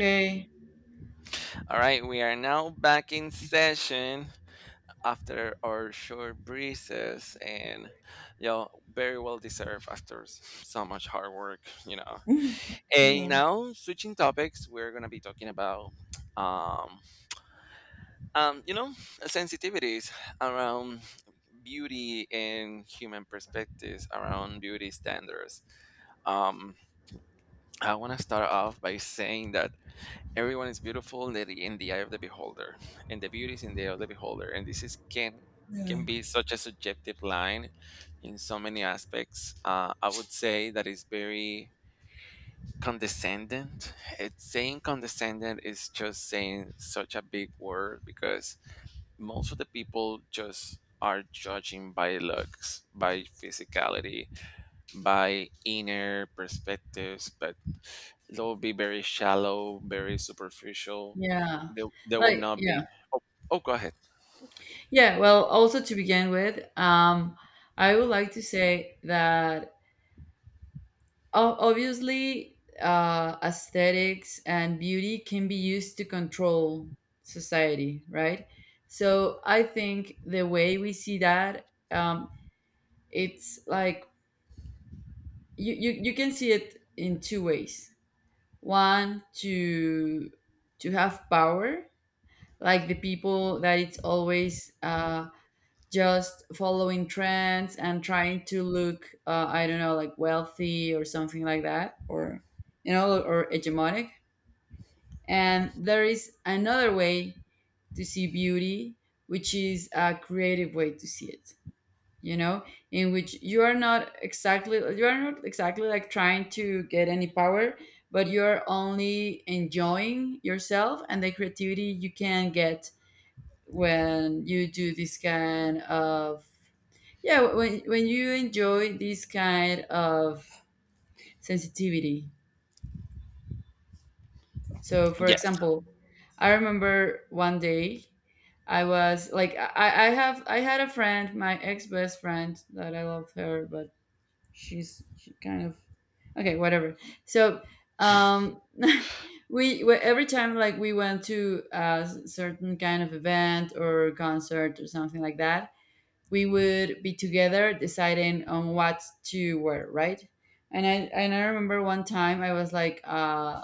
Okay. All right, we are now back in session after our short breezes and y'all very well deserved after so much hard work, you know. And now switching topics, we're gonna be talking about um um you know sensitivities around beauty and human perspectives around beauty standards. Um I wanna start off by saying that everyone is beautiful in the eye of the beholder, and the beauty is in the eye of the beholder. And this is Yeah. can be such a subjective line in so many aspects. I would say that it's very condescending. It's saying condescending is just saying such a big word because most of the people just are judging by looks, by physicality, by inner perspectives, but they will be very shallow, very superficial. Yeah. They will Like, not yeah. be. Oh, oh, go ahead. Yeah. Well, also to begin with, I would like to say that obviously aesthetics and beauty can be used to control society, right? So I think the way we see that, it's like you can see it in two ways. One, to have power, like the people that it's always just following trends and trying to look I don't know like wealthy or something like that, or you know, or hegemonic. And there is another way to see beauty, which is a creative way to see it, you know, in which you are not exactly like trying to get any power, but you're only enjoying yourself and the creativity you can get when you do this kind of, yeah, when you enjoy this kind of sensitivity. So, for Yes, example, I remember one day I was like I had a friend, my ex best friend that I love her, but she kind of okay, whatever. So, um every time like we went to a certain kind of event or concert or something like that, we would be together deciding on what to wear, right? And I remember one time I was like,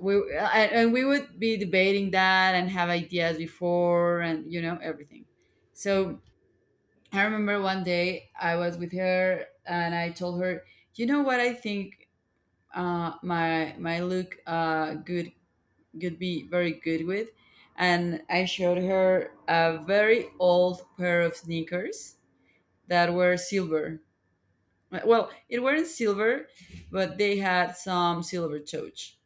we I, and we would be debating that and have ideas before, and you know everything. So I remember one day I was with her and I told her, you know what I think my look good could be very good with, and I showed her a very old pair of sneakers that were silver. Well, it weren't silver, but they had some silver touch.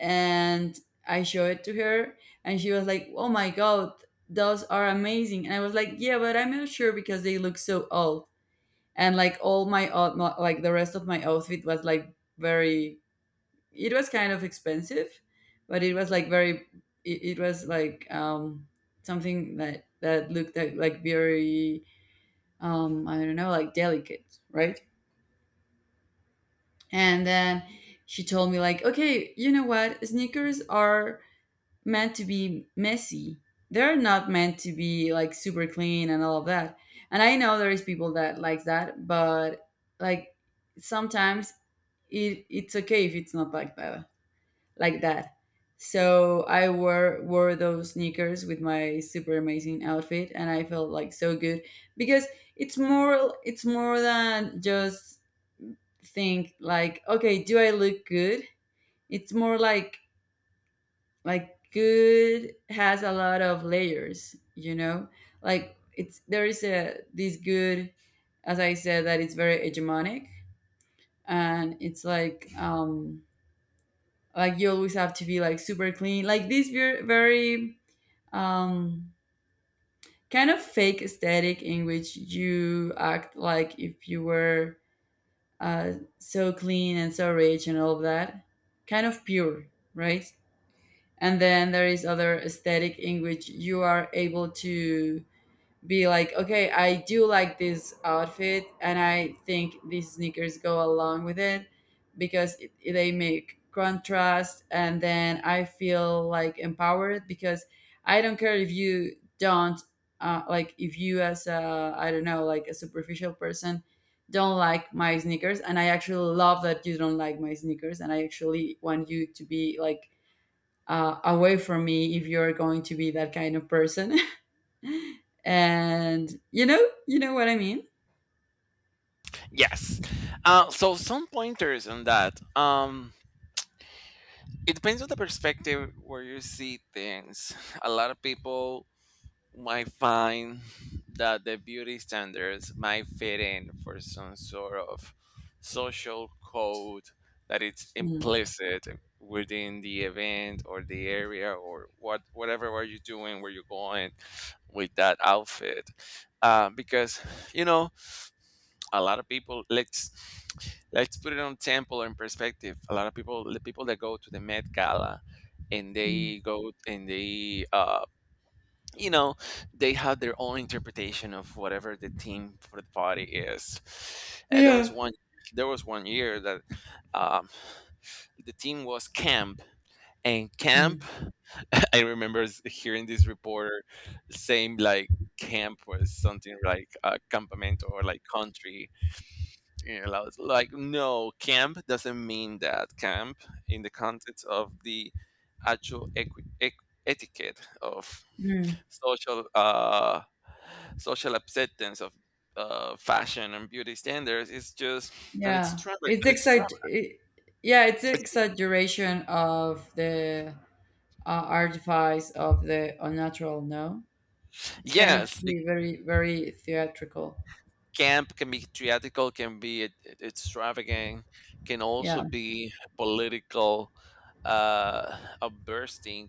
And I showed it to her, and she was like, "Oh my god, those are amazing!" And I was like, "Yeah, but I'm not sure because they look so old." And like all my like the rest of my outfit was like very. It was kind of expensive, but it was like very. It was like something that looked like very, i don't know like delicate, right? And then she told me like, okay, you know what? Sneakers are meant to be messy. They're not meant to be like super clean and all of that. And I know there is people that likes that, but like sometimes it's okay if it's not like that. Like that. So I wore those sneakers with my super amazing outfit and I felt like so good, because it's more than just think like okay do I look good, it's more like good has a lot of layers, you know, like it's there is a this good, as I said that it's very hegemonic. And it's like, like you always have to be like super clean, like this very, very, um kind of fake aesthetic in which you act like if you were uh so clean and so rich and all of that, kind of pure, right? And then there is other aesthetic in which you are able to be like okay I do like this outfit and I think these sneakers go along with it, because they make contrast, and then I feel like empowered, because I don't care if you don't, like if you, as a, I don't know like a superficial person, don't like my sneakers, and I actually love that you don't like my sneakers, and I actually want you to be like away from me if you're going to be that kind of person. And you know what I mean. yes. So some pointers on that. It depends on the perspective where you see things. A lot of people might find that the beauty standards might fit in for some sort of social code that it's Mm, implicit within the event or the area or whatever are you doing where you're going with that outfit, because you know a lot of people, let's put it on temple or in perspective. A lot of people, the people that go to the Met Gala and mm, they go and they, you know they have their own interpretation of whatever the theme for the party is. And yeah. There was 1 year that, um, the theme was camp. And camp, Mm, I remember hearing this reporter saying like camp was something like a campamento or like country. You know, I was like no, camp doesn't mean that. Camp in the context of the actual etiquette of mm, social, social acceptance of fashion and beauty standards is just, and it's yeah. extravagant, It's and it's excite. extravagant. It, yeah, it's It's- exaggeration of the artifice of the unnatural. No, it's kind of Yes, the the very, very theatrical. camp can be theatrical, can be extravagant, can also Yeah. be political. A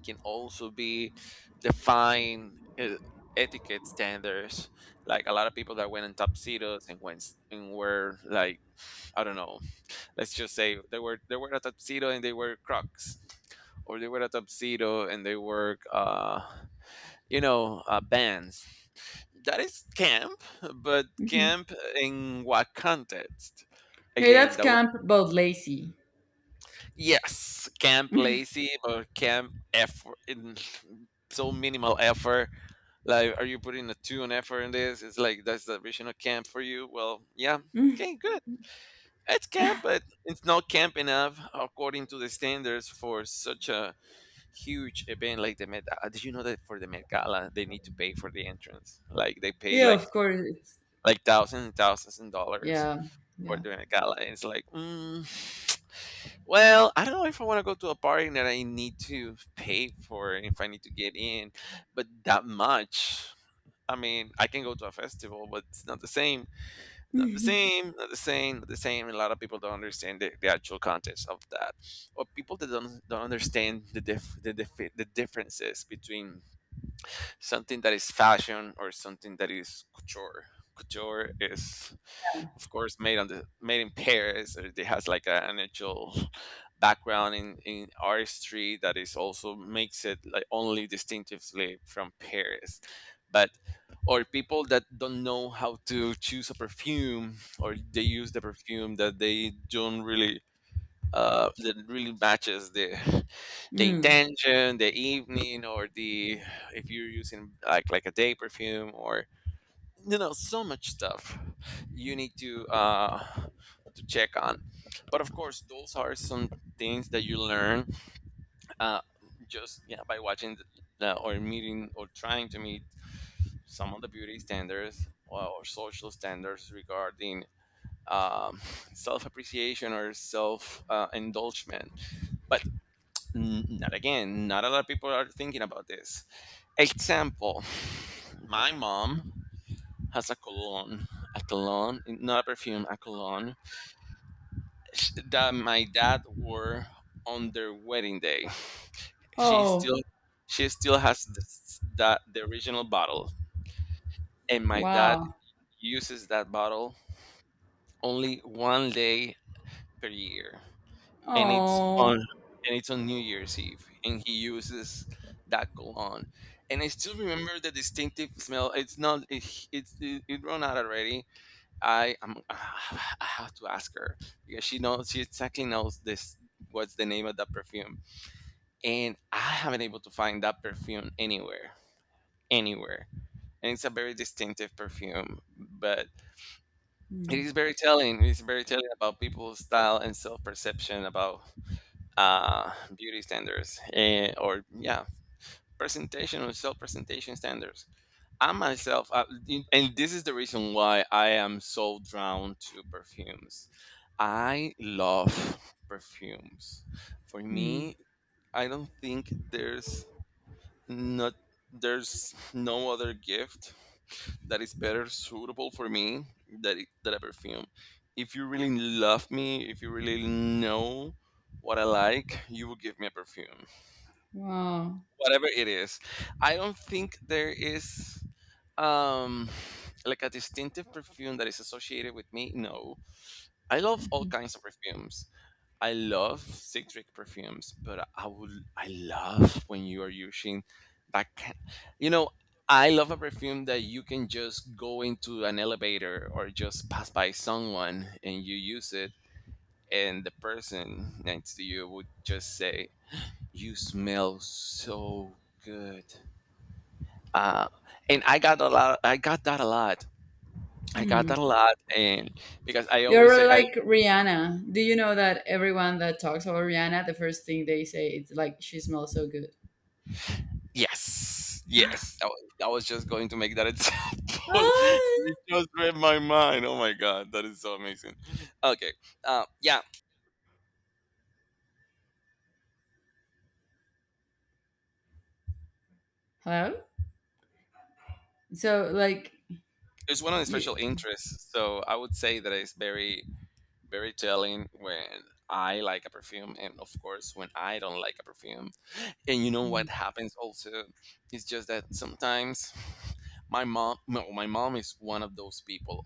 Can also be define, etiquette standards. Like a lot of people that went in tuxedos and went and were like, I don't know, let's just say they were a tuxedo and they were Crocs, or they were a tuxedo and they were, bands. That is camp, but Hmm. camp in what context? Hey, Again, that's that was, camp but lazy. yes, camp lazy or camp effort in so minimal effort. Like, are you putting a two on effort in this? It's like that's the original camp for you. Well, yeah, Mm, okay, good. It's camp, but it's not camp enough according to the standards for such a huge event like the Met. Did you know that for the Met Gala they need to pay for the entrance? Like they pay yeah, like of course. It's, thousands and thousands and dollars yeah. for Yeah. the Met Gala. And it's like, mm, well, I don't know if I want to go to a party that I need to pay for if I need to get in, but that much. I mean, I can go to a festival, but it's not the same. Not the same, not the same, not the same. And a lot of people don't understand the actual context of that, or people that don't understand the differences between something that is fashion or something that is couture. Couture is, of course, made on the made in Paris. Or it has like an actual background in artistry that is also makes it like only distinctively from Paris. But or people that don't know how to choose a perfume, or they use the perfume that they don't really, that really matches the Mm. intention, the evening, or the, if you're using like a day perfume, or you know so much stuff you need to, to check on. But of course, those are some things that you learn, uh, just yeah, by watching or meeting or trying to meet some of the beauty standards or social standards regarding, um, self appreciation or self, indulgement. But N not again, not a lot of people are thinking about this. Example, my mom has a cologne, not a perfume, a cologne that my dad wore on their wedding day. She Oh, still, she still has this, that the original bottle, and my dad wow. uses that bottle only 1 day per year. and it's on Oh. and it's on New Year's Eve, and he uses that cologne. And I still remember the distinctive smell. It's not it, it's it, it run out already. I am I have to ask her because she exactly knows this, what's the name of that perfume, and I haven't able to find that perfume anywhere, anywhere. And it's a very distinctive perfume, but it Mm, is very telling, it's very telling about people's style and self-perception about, beauty standards, or yeah, presentation or self-presentation standards. I myself, and this is the reason why I am so drawn to perfumes. I love perfumes. For mm. me, I don't think there's, not there's no other gift that is better suitable for me that a perfume. If you really love me, if you really know what I like, you will give me a perfume, Wow. whatever it is. I don't think there is, um like a distinctive perfume that is associated with me. No, I love all Mhm. kinds of perfumes. I love citric perfumes, but I love when you are using that can, you know, I love a perfume that you can just go into an elevator or just pass by someone and you use it and the person next to you would just say, you smell so good. Uh, and I got that a lot. I got Mm. that a lot. And because I You're always really say I, like Rihanna. Do you know that everyone that talks about Rihanna, the first thing they say is like she smells so good. yes, yes. I was just going to make that example. You Ah. just read my mind. Oh my god, that is so amazing. Okay, yeah, Hello. So like it's one of the you. special interests. So I would say that it's very, very telling when I like a perfume, and of course when I don't like a perfume. And you know Mm. what happens also? It's just that sometimes my mom, no, my mom is one of those people.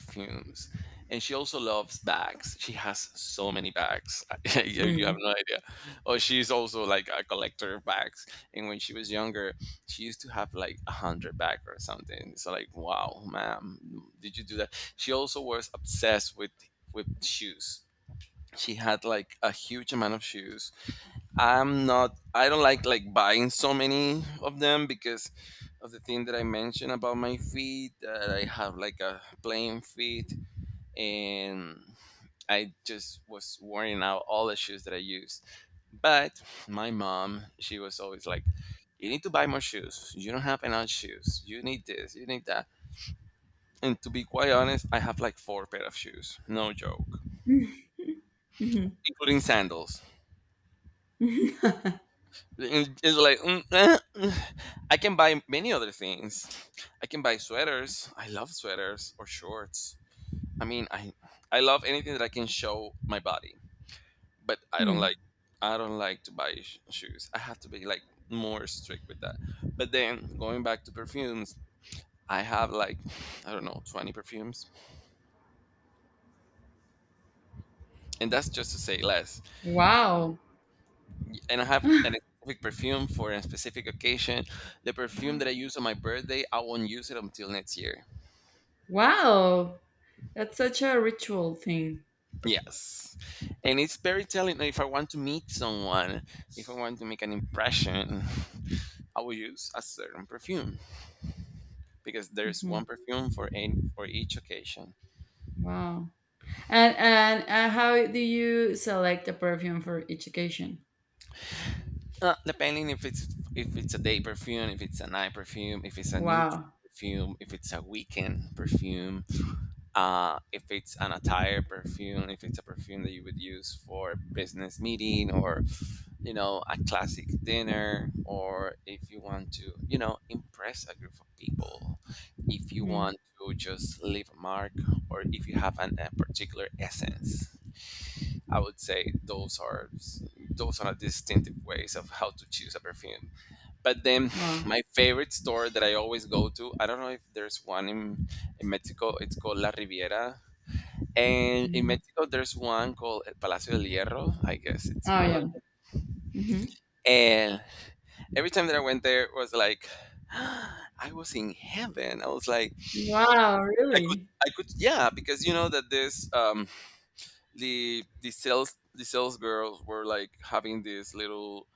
Fumes. And she also loves bags. She has so many bags. You have Mm. no idea. Oh, she's also like a collector of bags. And when she was younger, she used to have like a hundred bags or something. So like, wow, ma'am, did you do that? She also was obsessed with shoes. She had like a huge amount of shoes. I'm not. I don't like buying so many of them because of the thing that I mentioned about my feet. That I have like a plain feet, and I just was wearing out all the shoes that I used. But my mom, she was always like, "You need to buy more shoes. You don't have enough shoes. You need this. You need that." And to be quite honest, I have like four pair of shoes. No joke, Mhm. including sandals. And it's like mm, eh, mm. I can buy many other things. I can buy sweaters. I love sweaters or shorts. I mean, I I love anything that I can show my body, but I don't Mm. like, I don't like to buy shoes. I have to be like more strict with that. But then going back to perfumes, I have like I don't know, 20 perfumes, and that's just to say less. Wow. And I have an specific perfume for a specific occasion. The perfume that I use on my birthday, I won't use it until next year. Wow. That's such a ritual thing. Yes, and it's very telling that if I want to meet someone, if I want to make an impression, I will use a certain perfume, because there's Mhm. one perfume for each occasion. Wow. And how do you select a perfume for each occasion? Depending if it's, if it's a day perfume, if it's a night perfume, if it's a neutral Wow. perfume, if it's a weekend perfume, if it's an attire perfume, if it's a perfume that you would use for business meeting or you know a classic dinner, or if you want to you know impress a group of people, if you Mhm. want to just leave a mark, or if you have an, a particular essence, I would say those are, those are distinctive ways of how to choose a perfume. But then Wow. my favorite store that I always go to, I don't know if there's one in Mexico, it's called La Riviera. And in Mhm. Mexico there's one called El Palacio del Hierro, I guess it's Oh, called. yeah. Mhm. And every time that I went there it was like I was in heaven. I was like Wow, I could really? I could, yeah, because you know that this, the sales, the sales girls were like having these little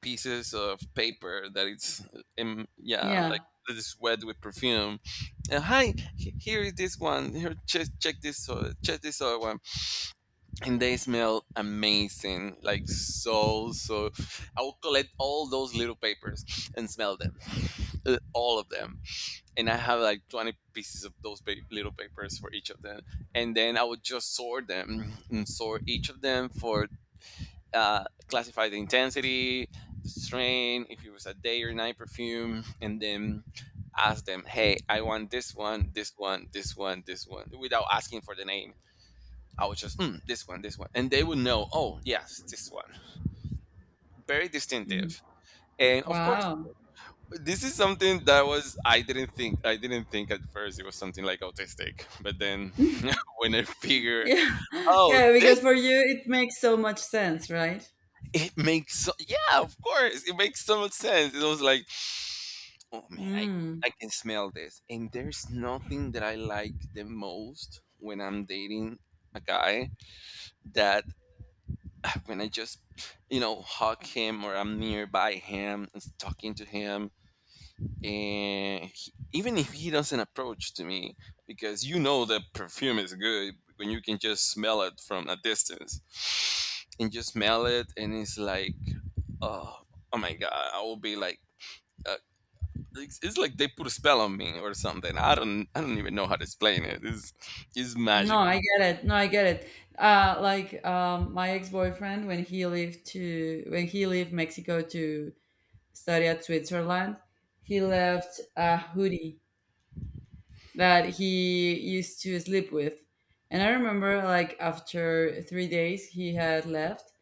pieces of paper that it's yeah like Yeah. that is wet with perfume. And here is this one. Here, check, check this other one, and they smell amazing, like so so I'll collect all those little papers and smell them, all of them. And I have like 20 pieces of those little papers for each of them, and then I would just sort them and sort each of them for, classify the intensity, the strain, if it was a day or night perfume. And then ask them, "Hey, I want this one, this one, this one, this one," without asking for the name. I would just, mm, this one, this one. And they would know, "Oh, yes, this one." Very Mhm. distinctive. And of course, Wow. this is something that was I didn't think at first it was something like autistic, but then when I figure, Yeah. oh, Yeah, this. because for you it makes so much sense, right? It makes so, yeah, of course, it makes so much sense. It was like, oh man, I Mm. I can smell this. And there's nothing that I like the most when I'm dating a guy, that when I just you know hug him or I'm nearby him and talking to him, and he, even if he doesn't approach to me, because you know the perfume is good when you can just smell it from a distance and just smell it. And it's like, oh, oh my god, I will be like, uh, it's like they put a spell on me or something. I don't, I don't even know how to explain it. It's No, magical. I get it. No, I get it. Like my ex-boyfriend, when he lived to when he left Mexico to study at Switzerland, he left a hoodie that he used to sleep with. And I remember, like, after 3 days he had left,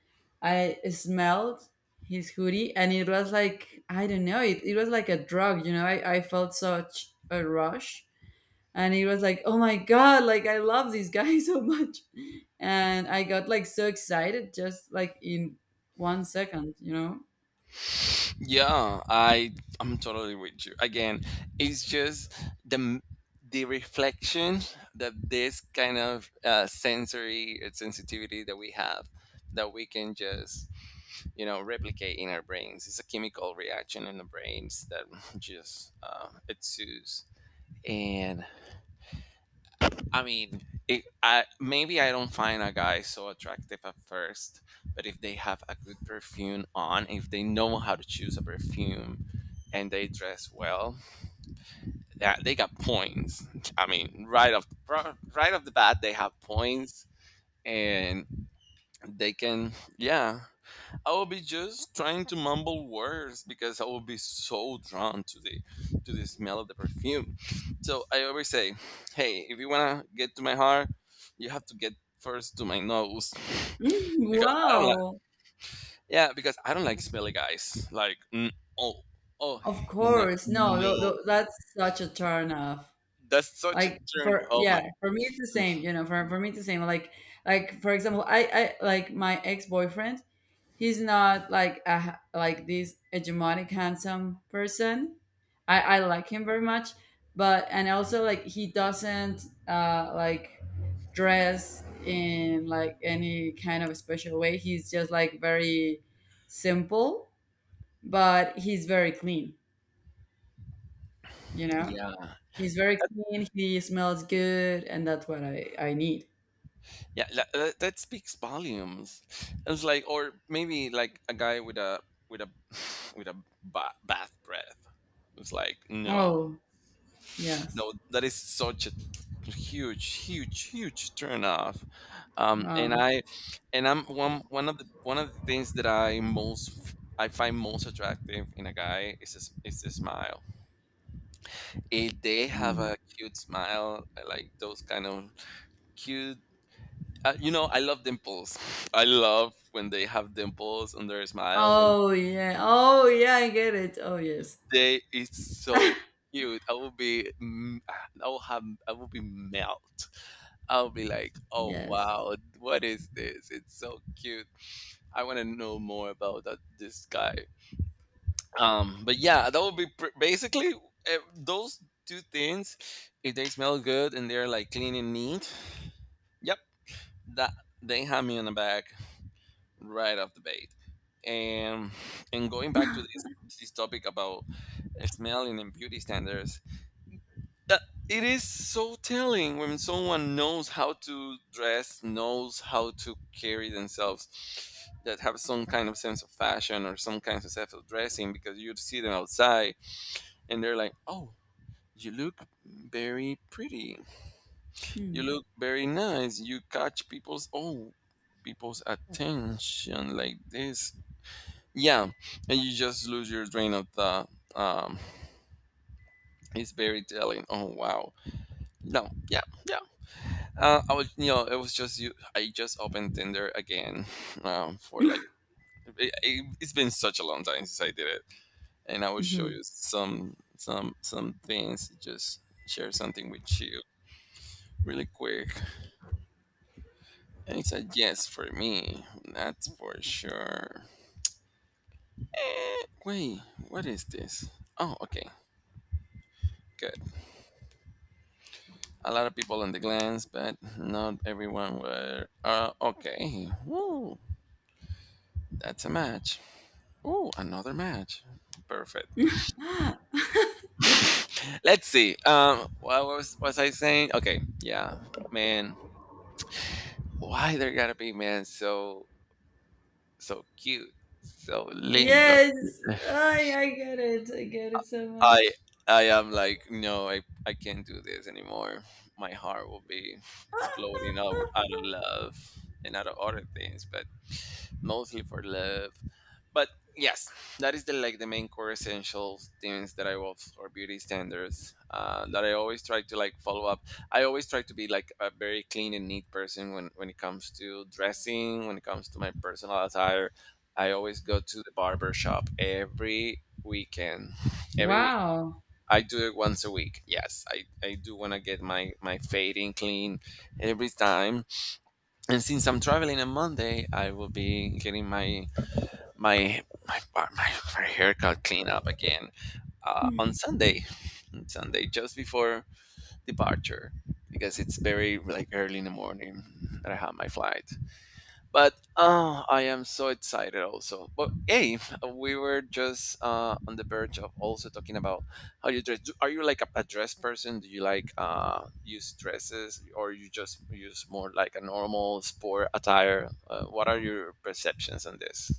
I smelled his hoodie and it was like, I don't know, it was like a drug, you know? I felt such a rush. And it was like, oh my God, like, I love this guy so much. And I got like so excited just like in one second, you know? Yeah, I'm totally with you. Again, it's just the m- the reflection, that this kind of sensory sensitivity that we have, that we can just you know replicate in our brains. It's a chemical reaction in the brains that just ensues. And I mean, it, I maybe I don't find a guy so attractive at first, but if they have a good perfume on, if they know how to choose a perfume and they dress well, that they got points. I mean, right off the bat, they have points, and they can. Yeah, I will be just trying to mumble words because I will be so drawn to the, to the smell of the perfume. So I always say, "Hey, if you wanna get to my heart, you have to get first to my nose." Mm, Because I don't like, wow. yeah, because I don't like smelly guys. Like, mm, oh, oh, Of no, course. No, no, that's such a turn off. that's such a Like turn. for Oh yeah, my. for me it's the same, you know, for me it's the same. Like for example, I like my ex-boyfriend, he's not like a, like this hegemonic handsome person. I like him very much, but and also like he doesn't like dress in like any kind of special way. He's just like very simple, but he's very clean, you know? Yeah. He's very clean. He smells good, and that's what I need. Yeah. That that speaks volumes. It's like, or maybe like a guy with a with a bath breath. It's like, no, Oh yes, no, that is such a huge, huge, huge turn off. Um, and wow. I, and I'm one of the things that I most, I find most attractive in a guy is his smile. If they have Hmm. a cute smile, I like those kind of cute. You know, I love dimples. I love when they have dimples on their smile. When Oh yeah. Oh yeah. I get it. Oh yes. they, it's so cute. I will be, mm, I will have, I will be melt. I'll be like, oh Yes. wow, what is this? It's so cute. I want to know more about that, this guy. But yeah, that would be basically those two things. If they smell good and they're like clean and neat, yep, that they have me on the back, right off the bat. And and going back to this, this topic about smelling and beauty standards, that it is so telling when someone knows how to dress, knows how to carry themselves, that have some kind of sense of fashion or some kind of sense of dressing, because you see them outside and they're like, oh, you look very pretty. Hmm. You look very nice. You catch people's, oh, people's attention like this. Yeah, and you just lose your drain of the. Um, it's very telling. Oh wow. No, yeah, yeah. I was, you know, it was just you. I just opened Tinder again, for like, it's been such a long time since I did it, and I will show you Mhm. Some things. Just share something with you really quick, and it's a yes for me. That's for sure. Eh, wait, what is this? Oh, okay, good. A lot of people on the glance, but not everyone were. Okay, woo, that's a match. Ooh, another match. Perfect. Let's see. What was I saying? Okay, yeah, man. Why there gotta be man so so cute, so lindo? Yes. I get it. I get it so I much. I am like, no, I can't do this anymore. My heart will be exploding out, out of love and out of other things, but mostly for love. But yes, that is the like the main core essential things that I love or beauty standards that I always try to like follow up. I always try to be like a very clean and neat person when it comes to dressing, when it comes to my personal attire. I always go to the barber shop every weekend, every week. Wow. I do it once a week. Yes, I do want to get my, my fading clean every time. And since I'm traveling on Monday, I will be getting my, my my haircut clean up again on Sunday. On Sunday, just before departure, because it's very like early in the morning that I have my flight. But oh, I am so excited also. But hey, we were just on the verge of also talking about how you dress. Are you like a dress person? Do you like use dresses or you just use more like a normal sport attire? What are your perceptions on this?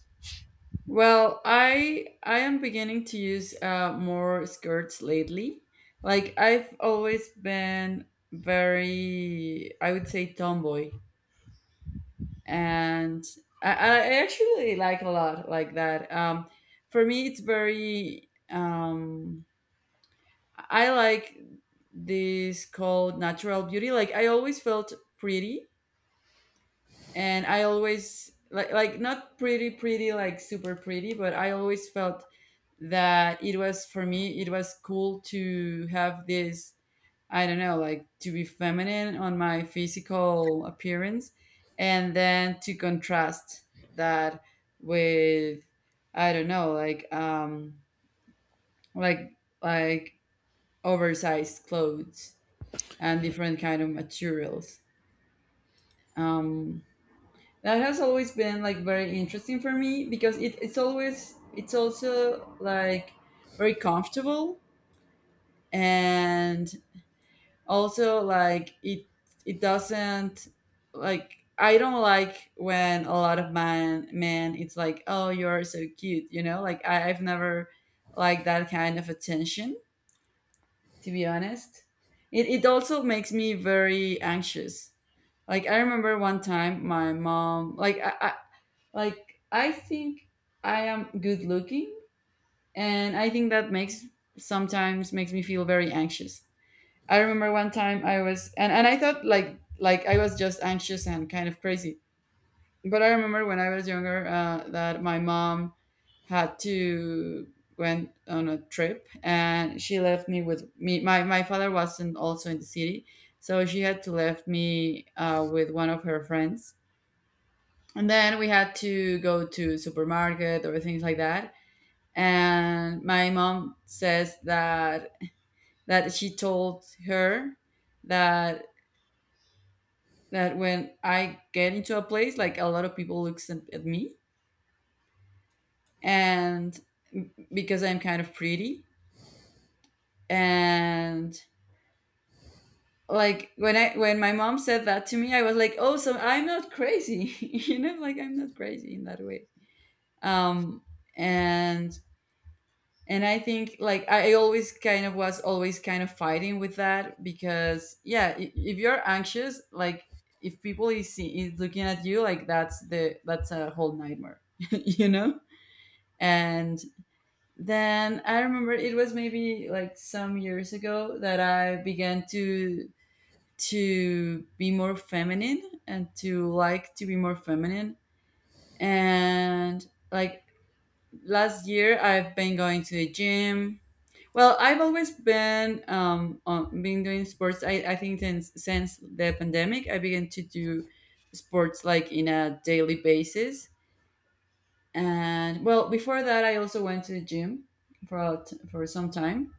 Well, I am beginning to use more skirts lately. Like I've always been very, I would say, tomboy, and I actually like a lot like that. For me, it's very. I like this called natural beauty. Like I always felt pretty, and I always like not pretty pretty like super pretty, but I always felt that it was for me it was cool to have this, I don't know like to be feminine on my physical appearance, and then to contrast that with, I don't know like, like like oversized clothes and different kind of materials, um that has always been like very interesting for me, because it's always it's also like very comfortable. And also like it doesn't, like I don't like when a lot of man men it's like, oh, you're so cute, you know, like I've never liked that kind of attention, to be honest. It also makes me very anxious. Like I remember one time my mom, like I, like I think I am good looking, and I think that makes sometimes makes me feel very anxious. I remember one time I was and I thought like I was just anxious and kind of crazy. But I remember when I was younger that my mom had to went on a trip and she left me with me, my father wasn't also in the city, so she had to left me with one of her friends. And then we had to go to supermarket or things like that. And my mom says that she told her that when I get into a place, like a lot of people looks at me, and because I'm kind of pretty. And like when my mom said that to me, I was like, oh, so I'm not crazy, you know, like I'm not crazy in that way. Um, and I think like I always kind of was always kind of fighting with that, because yeah, if you're anxious, like if people is, see, is looking at you, like that's the that's a whole nightmare. you know. And then I remember it was maybe like some years ago that I began to be more feminine and to like to be more feminine. And like last year, I've been going to the gym. Well, I've always been on, been doing sports. I think since the pandemic, I began to do sports like in a daily basis. And well before that, I also went to the gym for a for some time.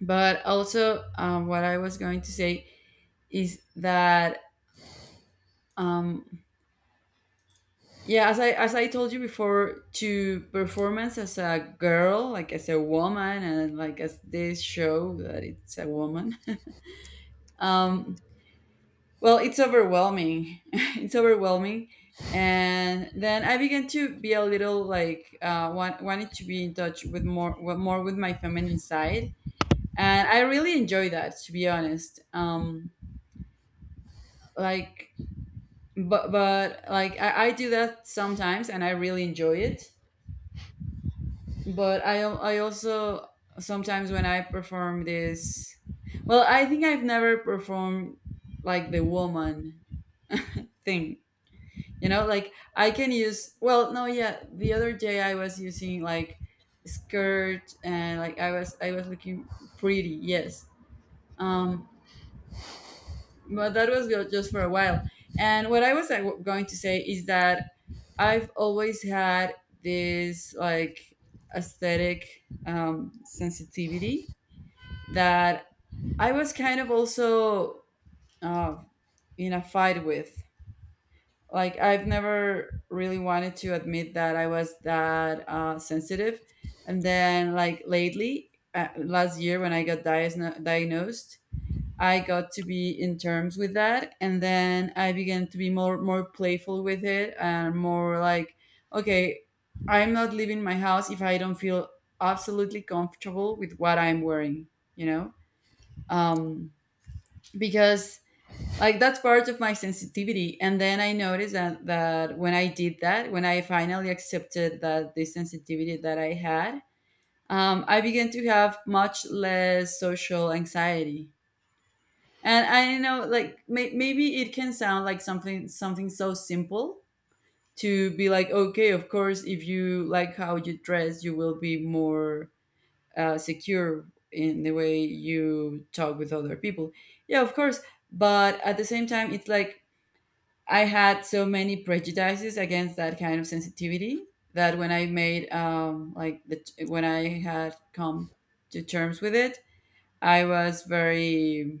But also what I was going to say is that, um, yeah, as I told you before, to performance as a girl, like as a woman, and like as this show that it's a woman, um, well, it's overwhelming. it's overwhelming. And then I began to be a little like wanted to be in touch with more with- more with my feminine side, and I really enjoy that, to be honest. Like, but like I do that sometimes, and I really enjoy it. But I also sometimes when I perform this, well, I think I've never performed like the woman thing. You know, like I can use, well, no, yeah, the other day I was using like skirt and like I was looking pretty, yes. Um but that was just for a while. And what I was like, going to say is that I've always had this like aesthetic sensitivity that I was kind of also uh, in a fight with. Like I've never really wanted to admit that I was that sensitive. And then like lately, last year when I got diagnosed, I got to be in terms with that. And then I began to be more playful with it, and more like okay I'm not leaving my house if I don't feel absolutely comfortable with what I'm wearing, you know? um, because like that's part of my sensitivity. And then I noticed that when I did that, when I finally accepted that the sensitivity that I had, I began to have much less social anxiety. And I know like, maybe it can sound like something so simple, to be like okay of course if you like how you dress you will be more secure in the way you talk with other people. Yeah, of course. But at the same time it's like I had so many prejudices against that kind of sensitivity, that when I made, like the when I had come to terms with it, I was very.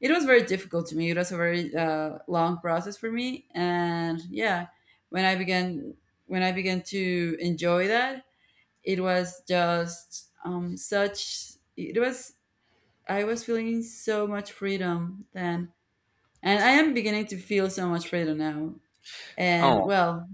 It was very difficult to me. It was a very long process for me, and yeah, when I began to enjoy that, it was just, such. It was, I was feeling so much freedom then, and I am beginning to feel so much freedom now. And Oh, well,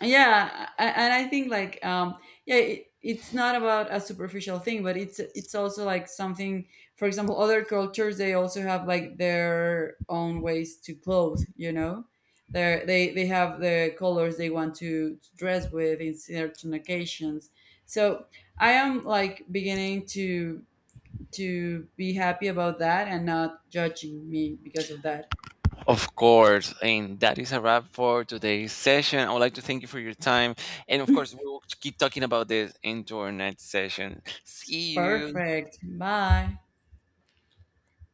yeah, and I think like, yeah, it's not about a superficial thing, but it's also like something. For example, other cultures they also have like their own ways to clothe, you know, they have the colors they want to dress with in certain occasions. So I am like beginning to be happy about that, and not judging me because of that. of course. And that is a wrap for today's session. I would like to thank you for your time. And of course, we will keep talking about this into our next session. See you. Perfect, bye.